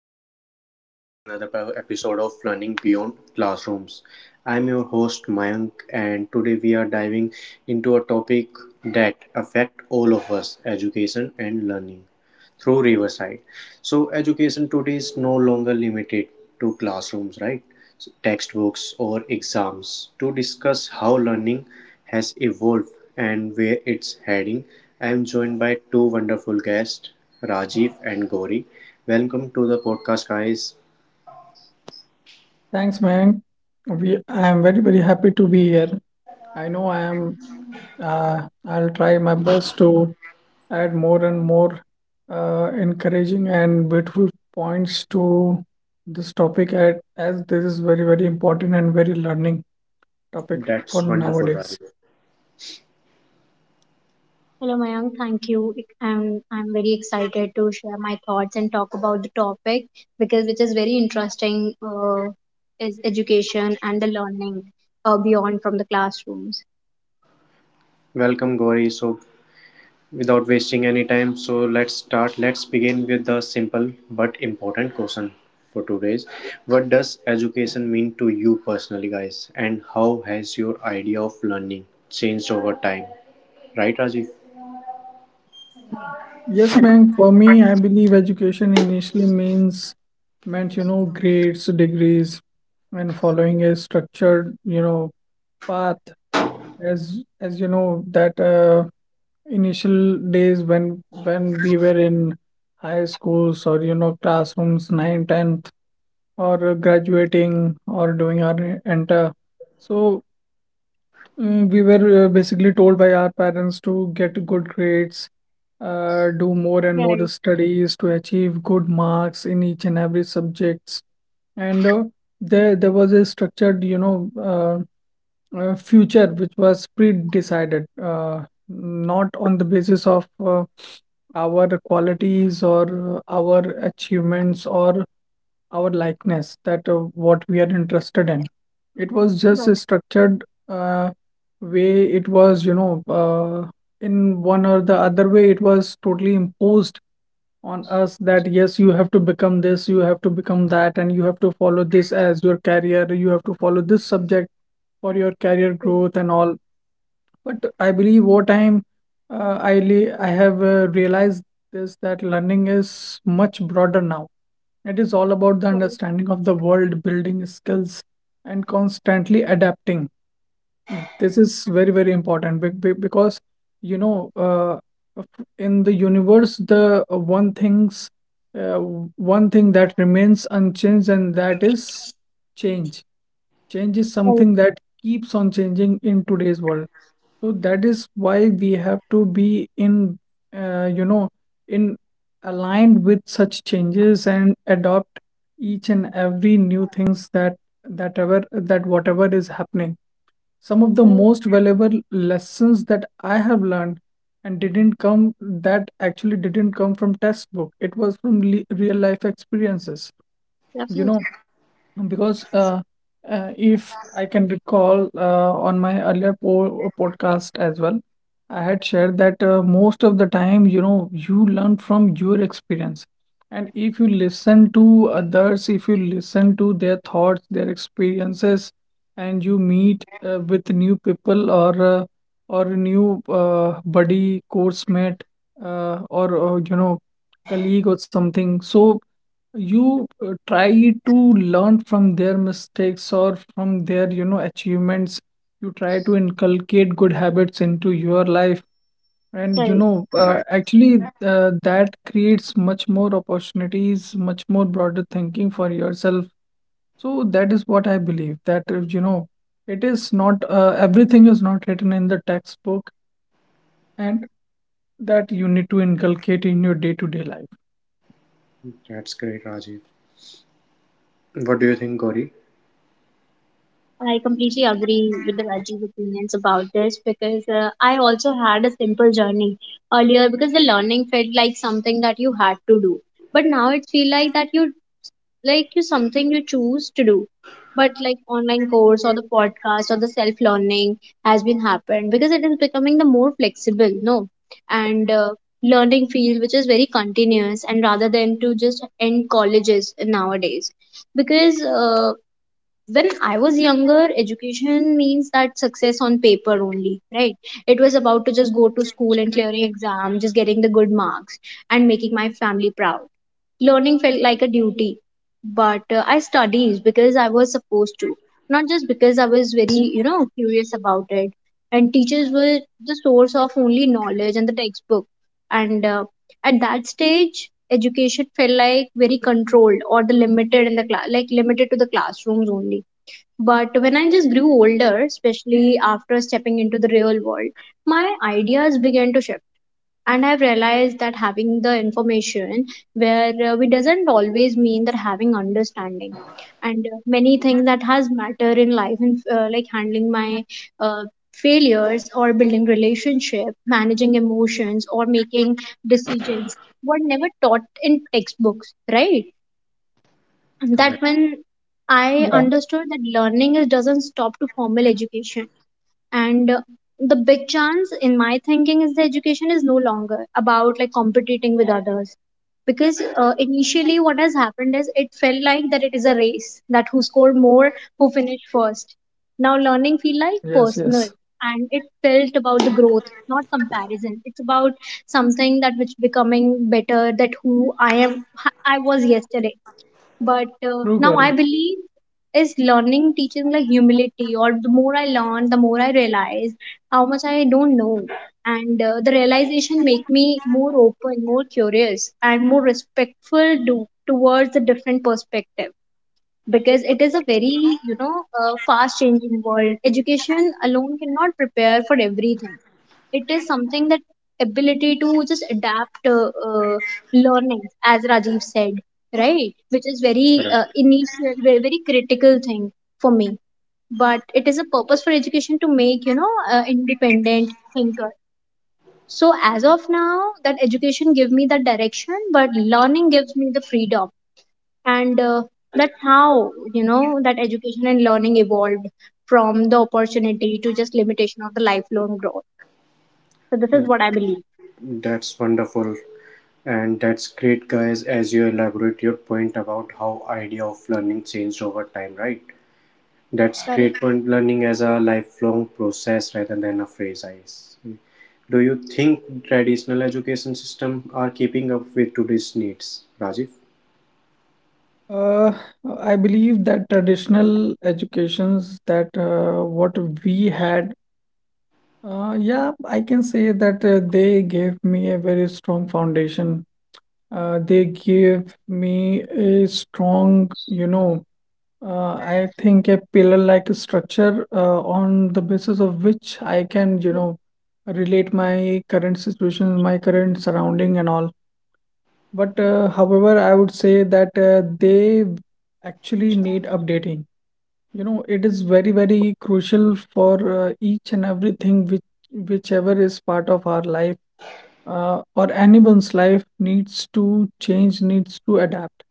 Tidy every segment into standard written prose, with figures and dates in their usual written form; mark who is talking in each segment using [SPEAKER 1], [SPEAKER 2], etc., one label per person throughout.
[SPEAKER 1] and welcome to another episode of Learning Beyond Classrooms. I'm your host Mayank, and today we are diving into a topic that affects all of us education and learning through Riverside. So education today is no longer limited to classrooms, right? So textbooks or exams. To discuss how learning has evolved and where it's heading, I am joined by two wonderful guests, Rajiv and Gauri. Welcome to the podcast, guys.
[SPEAKER 2] Thanks, man. I am very, very happy to be here. I know I am. Uh, I'll try my best to add more and more encouraging and beautiful points to this topic, as this is very, very important and very learning topic for
[SPEAKER 1] That's wonderful,
[SPEAKER 2] nowadays.
[SPEAKER 1] Rajiv.
[SPEAKER 3] Hello, Mayank. Thank you. I'm very excited to share my thoughts and talk about the topic because which is very interesting, uh, is education and the learning, beyond from the classrooms.
[SPEAKER 1] Welcome, Gauri. Without wasting any time, let's start. Let's begin with the simple but important question for today's. What does education mean to you personally, guys? And how has your idea of learning changed over time? Right, Rajiv?
[SPEAKER 2] Yes, ma'am. For me, I believe education initially means meant, you know, grades, degrees, and following a structured, you know, path. As you know, that initial days when we were in high schools or you know classrooms ninth, 10th or graduating or doing our enter so we were basically told by our parents to get good grades, do more and
[SPEAKER 3] Right,
[SPEAKER 2] more studies to achieve good marks in each and every subjects. And there was a structured, you know, future which was pre-decided, not on the basis of our qualities or our achievements or our likeness that what we are interested in. It was
[SPEAKER 3] right,
[SPEAKER 2] just a structured uh, way. It was in one or the other way, it was totally imposed on us that yes, you have to become this, you have to become that, and you have to follow this as your career, you have to follow this subject for your career
[SPEAKER 3] right,
[SPEAKER 2] growth and all. But I believe over time, I have realized this, that learning is much broader now. It is all about the
[SPEAKER 3] right,
[SPEAKER 2] understanding of the world, building skills, and constantly adapting. This is very, very important because, you know, uh, in the universe, uh, one thing that remains unchanged, and that is change. Change is
[SPEAKER 3] right,
[SPEAKER 2] something that keeps on changing in today's world. So that is why we have to be in, you know, in aligned with such changes and adopt each and every new things that that ever that whatever is happening. Some of the
[SPEAKER 3] right.
[SPEAKER 2] most valuable lessons that I have learned and didn't come that actually didn't come from textbook. It was from le real life experiences. You
[SPEAKER 3] Definitely,
[SPEAKER 2] know, because if I can recall on my earlier po podcast as well, I had shared that most of the time, you know, you learn from your experience. And if you listen to others, if you listen to their thoughts, their experiences, and you meet with new people or new buddy, course mate, or you know, colleague or something, so you try to learn from their mistakes or from their, you know, achievements. You try to inculcate good habits into your life, and you
[SPEAKER 3] right.
[SPEAKER 2] know,
[SPEAKER 1] Right.
[SPEAKER 2] actually that creates much more opportunities, much more broader thinking for yourself. So that is what I believe, that you know, it is not everything is not written in the textbook, and that you need to inculcate in your day-to-day life.
[SPEAKER 1] That's great, Rajiv. What do you think, Gauri?
[SPEAKER 3] I completely agree with the Rajiv opinions about this because I also had a simple journey earlier because the learning felt like something that you had to do but now it feel like that you like you something you choose to do, but like online course or the podcast or the self learning has been happened because it is becoming the more flexible no. And learning field which is very continuous and rather than to just end colleges nowadays, because when I was younger, education means that success on paper only, right? It was about to just go to school and clearing exam, just getting the good marks and making my family proud. Learning felt like a duty, but I studied because I was supposed to, not just because I was very, you know, curious about it. And teachers were the source of only knowledge and the textbook. And at that stage, education felt like very controlled or the limited in the class, like limited to the classrooms only, but when I just grew older, especially after stepping into the real world, my ideas began to shift. And I've realized that having the information where we doesn't always mean that having understanding. And many things that has matter in life, and like handling my uh, failures or building relationship, managing emotions, or making decisions, were never taught in textbooks, right? That
[SPEAKER 1] Correct.
[SPEAKER 3] when I
[SPEAKER 2] Yeah.
[SPEAKER 3] understood that learning is doesn't stop to formal education. And the big chance in my thinking is the education is no longer about like competing with others. Because initially, what has happened is it felt like that it is a race that who scored more, who finished first. Now, learning feel like
[SPEAKER 2] Yes,
[SPEAKER 3] personal,
[SPEAKER 2] yes.
[SPEAKER 3] and it felt about the growth, not comparison. It's about something that which becoming better that who I am, I was yesterday, but
[SPEAKER 2] True,
[SPEAKER 3] now I
[SPEAKER 2] Gauri.
[SPEAKER 3] believe is learning teaching like humility, or the more I learn the more I realize how much I don't know. And the realization make me more open, more curious, and more respectful do, towards the different perspective, because it is a very, you know, fast changing world. Education alone cannot prepare for everything. It is something that ability to just adapt, learning, as Rajiv said, right, which is very
[SPEAKER 1] Correct.
[SPEAKER 3] initial, very, very critical thing for me. But it is a purpose for education to make, you know, independent thinker. So as of now that education give me the direction, but learning gives me the freedom. And that's how you know that education and learning evolved from the opportunity to just limitation of the lifelong growth. So this is what I believe.
[SPEAKER 1] That's wonderful. And that's great, guys, as you elaborate your point about how idea of learning changed over time, right? That's
[SPEAKER 3] Correct.
[SPEAKER 1] great point. Learning as a lifelong process rather than a phrase. I see. Do you think traditional education system are keeping up with today's needs, Rajiv?
[SPEAKER 2] Uh, I believe that traditional educations that what we had, yeah, I can say that they gave me a very strong foundation. They gave me a strong, you know, I think a pillar-like structure on the basis of which I can, you know, relate my current situation, my current surrounding and all. But however, I would say that they actually need updating. You know, it is very, very crucial for each and everything which, whichever is part of our life or anyone's life, needs to change, needs to adapt.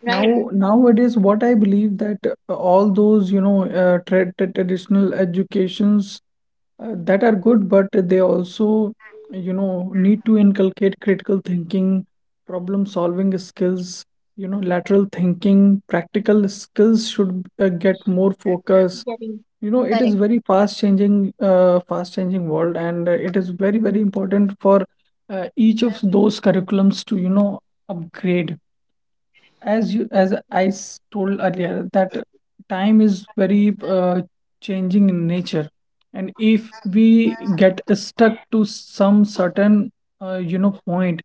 [SPEAKER 3] Right.
[SPEAKER 2] Now, nowadays, what I believe, that all those, you know, traditional educations that are good, but they also, you know, need to inculcate critical thinking, problem solving skills, you know, lateral thinking, practical skills should get more focus.
[SPEAKER 3] Getting
[SPEAKER 2] You know, it is
[SPEAKER 3] correct.
[SPEAKER 2] very fast changing world, and it is very, very important for each of those curriculums to, you know, upgrade, as you as told earlier, that time is very changing in nature, and if we get stuck to some certain you know, point,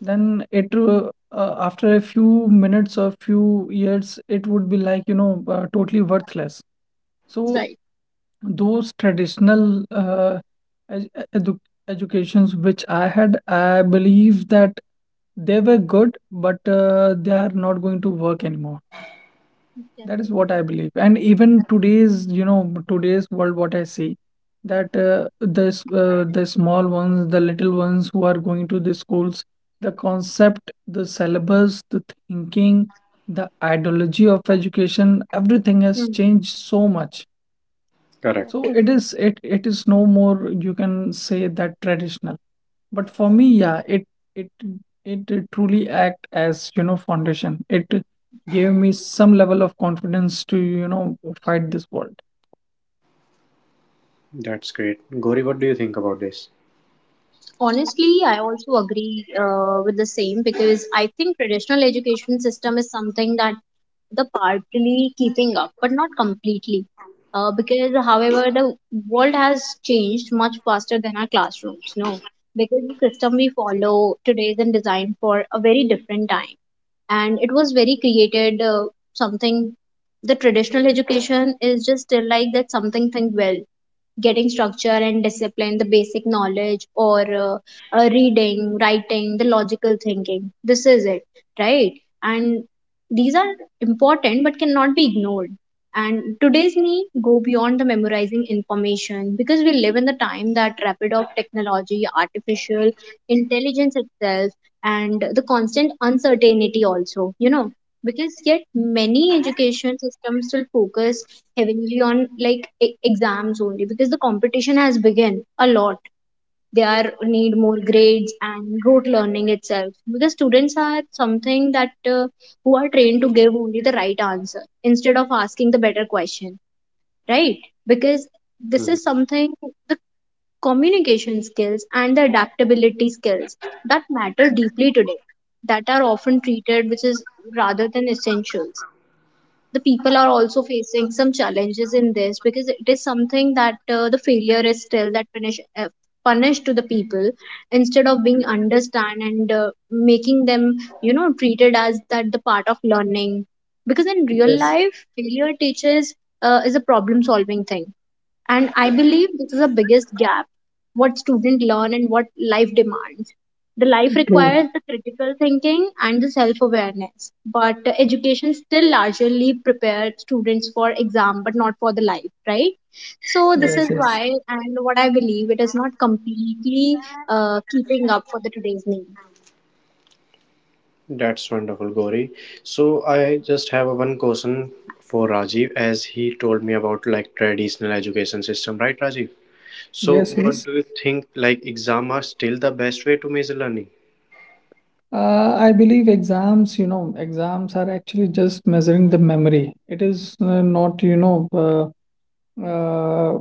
[SPEAKER 2] then it after a few minutes or few years it would be like, you know, totally worthless. So
[SPEAKER 3] Right.
[SPEAKER 2] those traditional ed- edu educations which I had, I believe that they were good, but they are not going to work anymore. That is what
[SPEAKER 3] Definitely.
[SPEAKER 2] I believe. And even today's, you know, today's world, what I see, that this the small ones, the little ones who are going to the schools, the concept, the syllabus, the thinking, the ideology of education, everything has
[SPEAKER 3] Hmm.
[SPEAKER 2] changed so much. So
[SPEAKER 1] Correct.
[SPEAKER 2] it
[SPEAKER 3] Definitely.
[SPEAKER 2] is it it is no more, you can say, that traditional. But for me, yeah, it it did truly act as, you know, foundation. It gave me some level of confidence to, you know, fight this world.
[SPEAKER 1] That's great. Gori, what do you think about this?
[SPEAKER 3] Honestly I also agree with the same, because I think traditional education system is something that the partly keeping up but not completely, because however the world has changed much faster than our classrooms no, because the system we follow today is designed for a very different time and it was very created, something, the traditional education is just still like that, something think well, getting structure and discipline, the basic knowledge, or reading, writing, the logical thinking. This is it, right? And these are important but cannot be ignored. And today's need go beyond the memorizing information, because we live in the time that rapid of technology, artificial intelligence itself, and the constant uncertainty also. You know, because yet many education systems still focus heavily on like exams only, because the competition has begun a lot, they are need more grades and rote learning itself, because students are something that who are trained to give only the right answer instead of asking the better question, right? Because this
[SPEAKER 1] Mhm.
[SPEAKER 3] is something the communication skills and the adaptability skills that matter deeply today, that are often treated which is rather than essentials. The people are also facing some challenges in this, because it is something that the failure is still that punish, punished to the people instead of being understand and making them, you know, treated as that the part of learning, because in real
[SPEAKER 2] Yes,
[SPEAKER 3] life failure teaches, is a problem solving thing. And I believe this is the biggest gap, what students learn and what life demands. The life
[SPEAKER 2] true.
[SPEAKER 3] requires the critical thinking and the self awareness, but education still largely prepares students for exam but not for the life, right? So this
[SPEAKER 2] Yes,
[SPEAKER 3] is why.
[SPEAKER 2] yes.
[SPEAKER 3] And what I believe it is not completely keeping up for the today's need.
[SPEAKER 1] That's wonderful, Gori. So I just have a one question for Rajiv, as he told me about like traditional education system, right, Rajiv? So
[SPEAKER 2] Yes,
[SPEAKER 1] what
[SPEAKER 2] yes.
[SPEAKER 1] do you think? Like exam are still the best way to measure learning?
[SPEAKER 2] I believe exams, you know, exams are actually just measuring the memory. It is not, you know, uh, uh,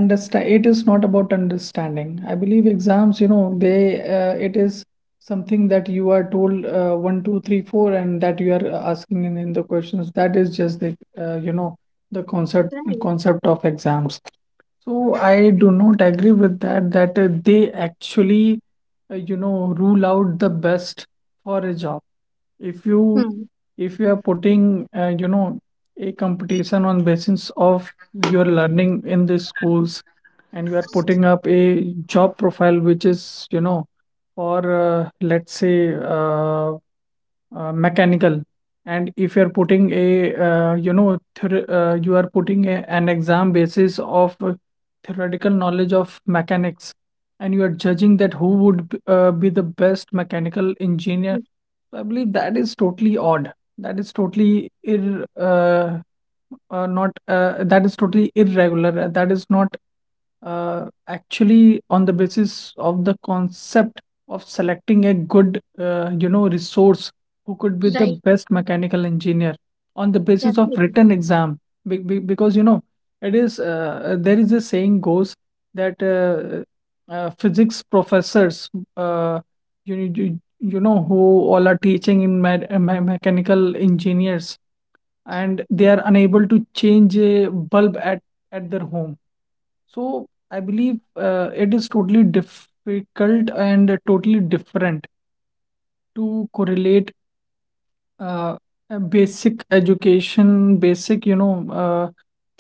[SPEAKER 2] understand it is not about understanding. I believe exams, you know, they it is something that you are told 1 2 3 4 and that you are asking in the questions. That is just the, you know, the concept
[SPEAKER 3] Right,
[SPEAKER 2] concept of exams. So I do not agree with that, that they actually, you know, rule out the best for a job. If you
[SPEAKER 3] hmm.
[SPEAKER 2] if you are putting, you know, a competition on basis of you're learning in these schools, and you are putting up a job profile which is, you know, for let's say mechanical, and if you're putting a you know, you are putting a, an exam basis of theoretical knowledge of mechanics, and you are judging that who would be the best mechanical engineer, so I believe that is totally odd. That is totally ir not that is totally irregular. That is not actually on the basis of the concept of selecting a good you know, resource who could be the
[SPEAKER 3] Right,
[SPEAKER 2] best mechanical engineer on the basis of
[SPEAKER 3] definitely.
[SPEAKER 2] written exam. Because you know, it is there is a saying goes that physics professors uh, you know, who all are teaching in mechanical engineers and they are unable to change a bulb at their home. So I believe it is totally difficult and totally different to correlate uh, a basic education, basic, you know,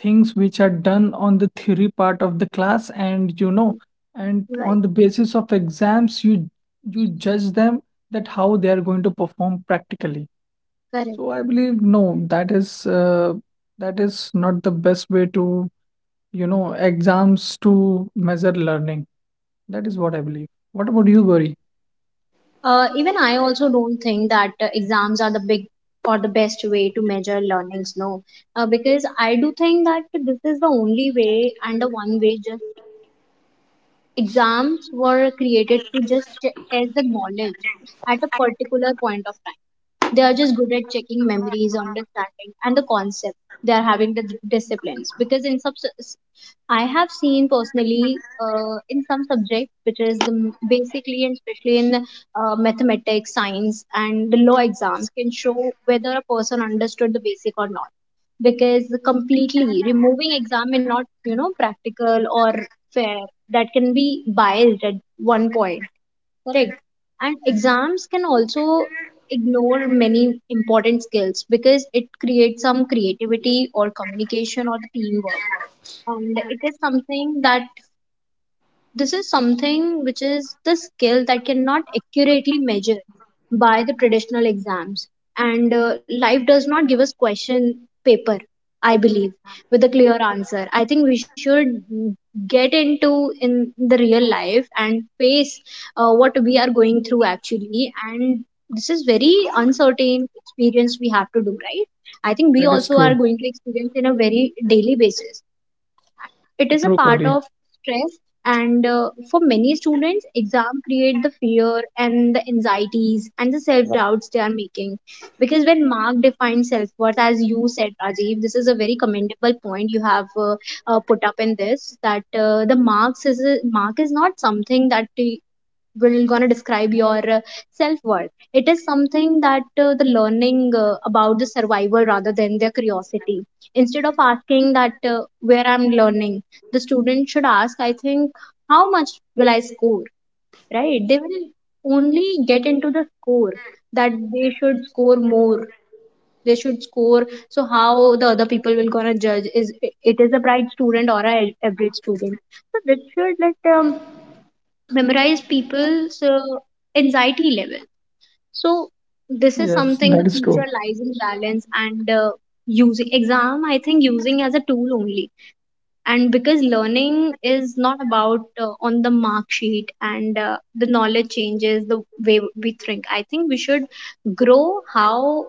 [SPEAKER 2] things which are done on the theory part of the class, and you know, and
[SPEAKER 3] Right,
[SPEAKER 2] on the basis of exams you, you judge them, that how they are going to perform practically.
[SPEAKER 3] correct.
[SPEAKER 2] So I believe no, that is not the best way to, you know, exams to measure learning. That is what I believe. What about you, Gauri?
[SPEAKER 3] Even I also don't think that exams are the big or the best way to measure learnings, no. Because I do think that this is the only way and the one way. Exams were created to just test the knowledge at a particular point of time. They are just good at checking memories, understanding, and the concept. They are having the disciplines, because in sub, I have seen personally in some subjects, which is the basically and especially in mathematics, science, and the law exams, can show whether a person understood the basic or not, because completely removing exam may not, you know, practical or fair, that can be biased at one point. Correct. And exams can also ignore many important skills, because it creates some creativity or communication or the teamwork, and it is something that this is something which is the skill that cannot accurately measure by the traditional exams. And life does not give us question paper, I believe, with a clear answer. I think we should get into in the real life and face what we are going through actually. And this is very uncertain experience we have to do, right? I think we
[SPEAKER 2] That is
[SPEAKER 3] also are
[SPEAKER 2] true.
[SPEAKER 3] going to experience in a very daily basis, it is a
[SPEAKER 2] True,
[SPEAKER 3] part
[SPEAKER 2] Gauri.
[SPEAKER 3] of stress. And for many students exam create the fear and the anxieties and the self doubts they are making, because when mark defines self worth, as you said Rajiv, this is a very commendable point you have put up in this, that the marks is a, mark is not something that will gonna describe your self-worth, it is something that the learning about the survival rather than their curiosity. Instead of asking that where I'm learning, the student should ask, I think, how much will I score, right? They will only get into the score, that they should score more, they should score, so how the other people will gonna judge is it is a bright student or a average student. So this should let memorize people's anxiety level. So this is
[SPEAKER 2] Yes,
[SPEAKER 3] something,
[SPEAKER 2] that
[SPEAKER 3] the
[SPEAKER 2] is true.
[SPEAKER 3] future lies in balance, and using exam. I think using as a tool only, and because learning is not about on the mark sheet, and the knowledge changes the way we think. I think we should grow how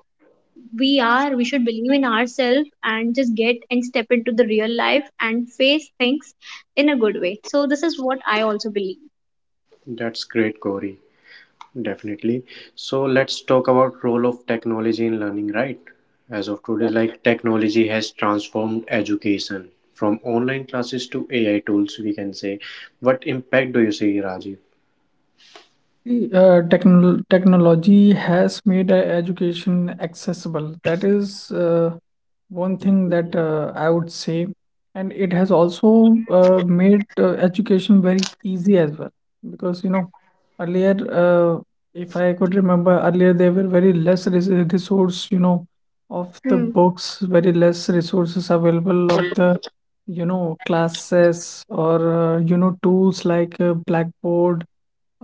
[SPEAKER 3] we are. We should believe in ourselves and just get and step into the real life and face things in a good way. So this is what I also believe.
[SPEAKER 1] That's great, Gori. Definitely. So let's talk about role of technology in learning, right? As of today,
[SPEAKER 3] Yeah.
[SPEAKER 1] like technology has transformed education from online classes to AI tools, we can say. What impact do you see, Rajiv?
[SPEAKER 2] Technology has made education accessible. That is one thing that I would say, and it has also made education very easy as well. Because you know, earlier, if I could remember, earlier there were very less res resource, you know, of the
[SPEAKER 3] Hmm.
[SPEAKER 2] books, very less resources available of the, you know, classes or you know, tools like Blackboard,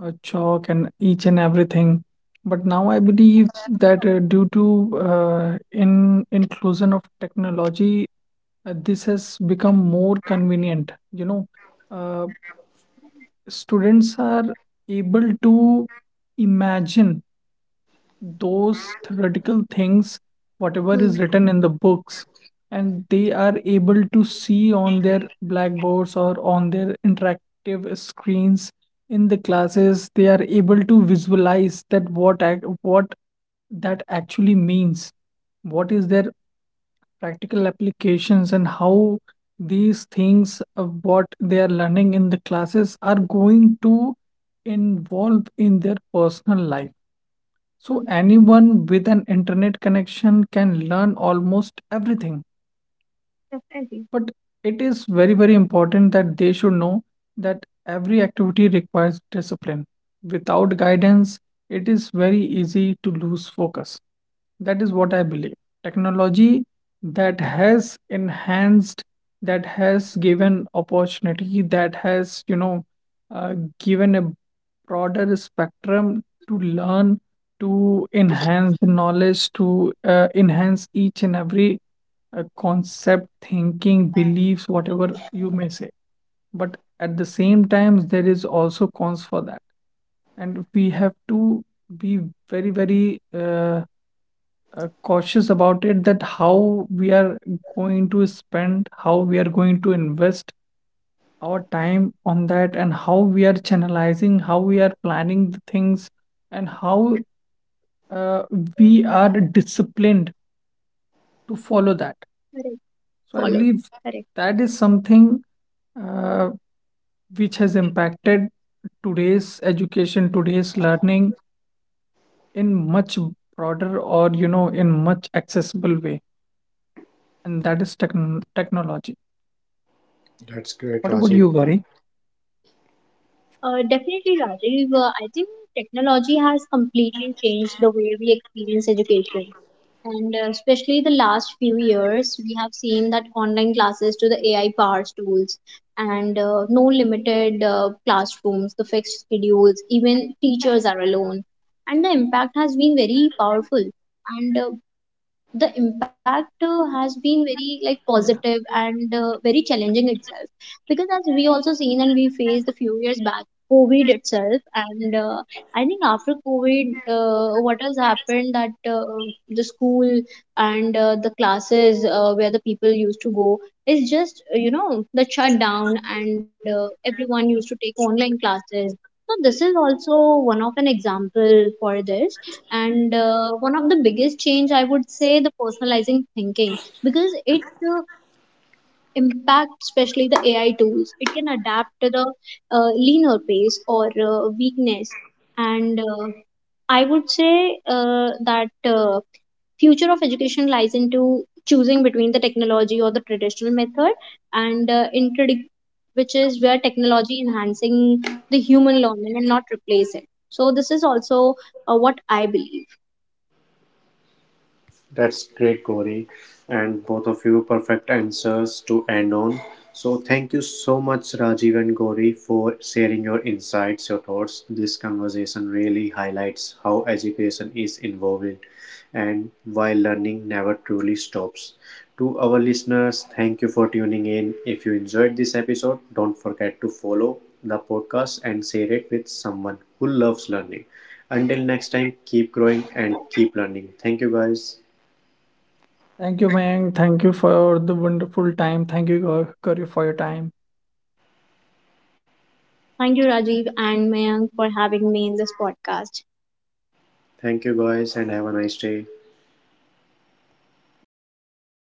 [SPEAKER 2] chalk and each and everything. But now I believe that due to in inclusion of technology, this has become more convenient. You know, uh, students are able to imagine those theoretical things, whatever is
[SPEAKER 3] Hmm.
[SPEAKER 2] written in the books, and they are able to see on their blackboards or on their interactive screens in the classes. They are able to visualize that what that actually
[SPEAKER 3] Hmm.
[SPEAKER 2] means, what is their practical applications, and how these things of what they are learning in the classes are going to involve in their personal life. So
[SPEAKER 3] Hmm.
[SPEAKER 2] anyone with an internet connection can learn almost everything.
[SPEAKER 3] Definitely.
[SPEAKER 2] But it is very, very important that they should know that every activity requires discipline. Without guidance, it is very easy to lose focus. That is what I believe. Technology, that has enhanced, that has given opportunity, that has, you know, given a broader spectrum to learn, to enhance the knowledge, to enhance each and every a concept, thinking, beliefs, whatever you may say. But at the same time, there is also cons for that. And we have to be very, very cautious about it, that how we are going to spend, how we are going to invest our time on that, and how we are channelizing, how we are planning the things, and how uh, we are disciplined to follow that.
[SPEAKER 3] Correct.
[SPEAKER 2] So I
[SPEAKER 3] Follow that.
[SPEAKER 2] believe
[SPEAKER 3] Correct.
[SPEAKER 2] that is something uh, which has impacted today's education, today's learning in much broader, or you know, in much accessible way, and that is technology.
[SPEAKER 1] That's great,
[SPEAKER 2] What about
[SPEAKER 1] Rajiv.
[SPEAKER 2] you, Gauri?
[SPEAKER 3] Definitely, Rajiv. I think technology has completely changed the way we experience education. And especially the last few years, we have seen that online classes to the AI powered tools, and no limited classrooms, the fixed schedules, even teachers are alone. And the impact has been very powerful. And the
[SPEAKER 2] Yeah.
[SPEAKER 3] impact has been very like positive and very challenging itself, because as we also seen and we faced a few years back covid itself. And I think after covid, what has happened that the school and the classes where the people used to go is just, you know, the shutdown, and everyone used to take online classes. So this is also one of an example for this. And one of the biggest change I would say the personalizing thinking, because it uh, impacts especially the AI tools, it can adapt to the leaner pace or weakness. And I would say that future of education lies into choosing between the technology or the traditional method, and which is where technology enhancing the human learning and not replace it. So this is also what I believe.
[SPEAKER 1] That's great, Gauri. And both of you perfect answers to end on. So thank you so much, Rajiv and Gauri, for sharing your insights, your thoughts. This conversation really highlights how education is involved and why learning never truly stops. To our listeners, thank you for tuning in. If you enjoyed this episode, don't forget to follow the podcast and share it with someone who loves learning. Until next time, keep growing and keep learning. Thank you, guys.
[SPEAKER 2] Thank you, Mayank. Thank you for the wonderful time. Thank you, Gauri, for your time.
[SPEAKER 3] Thank you, Rajiv and Mayank, for having me in this podcast.
[SPEAKER 1] Thank you, guys, and have a nice day.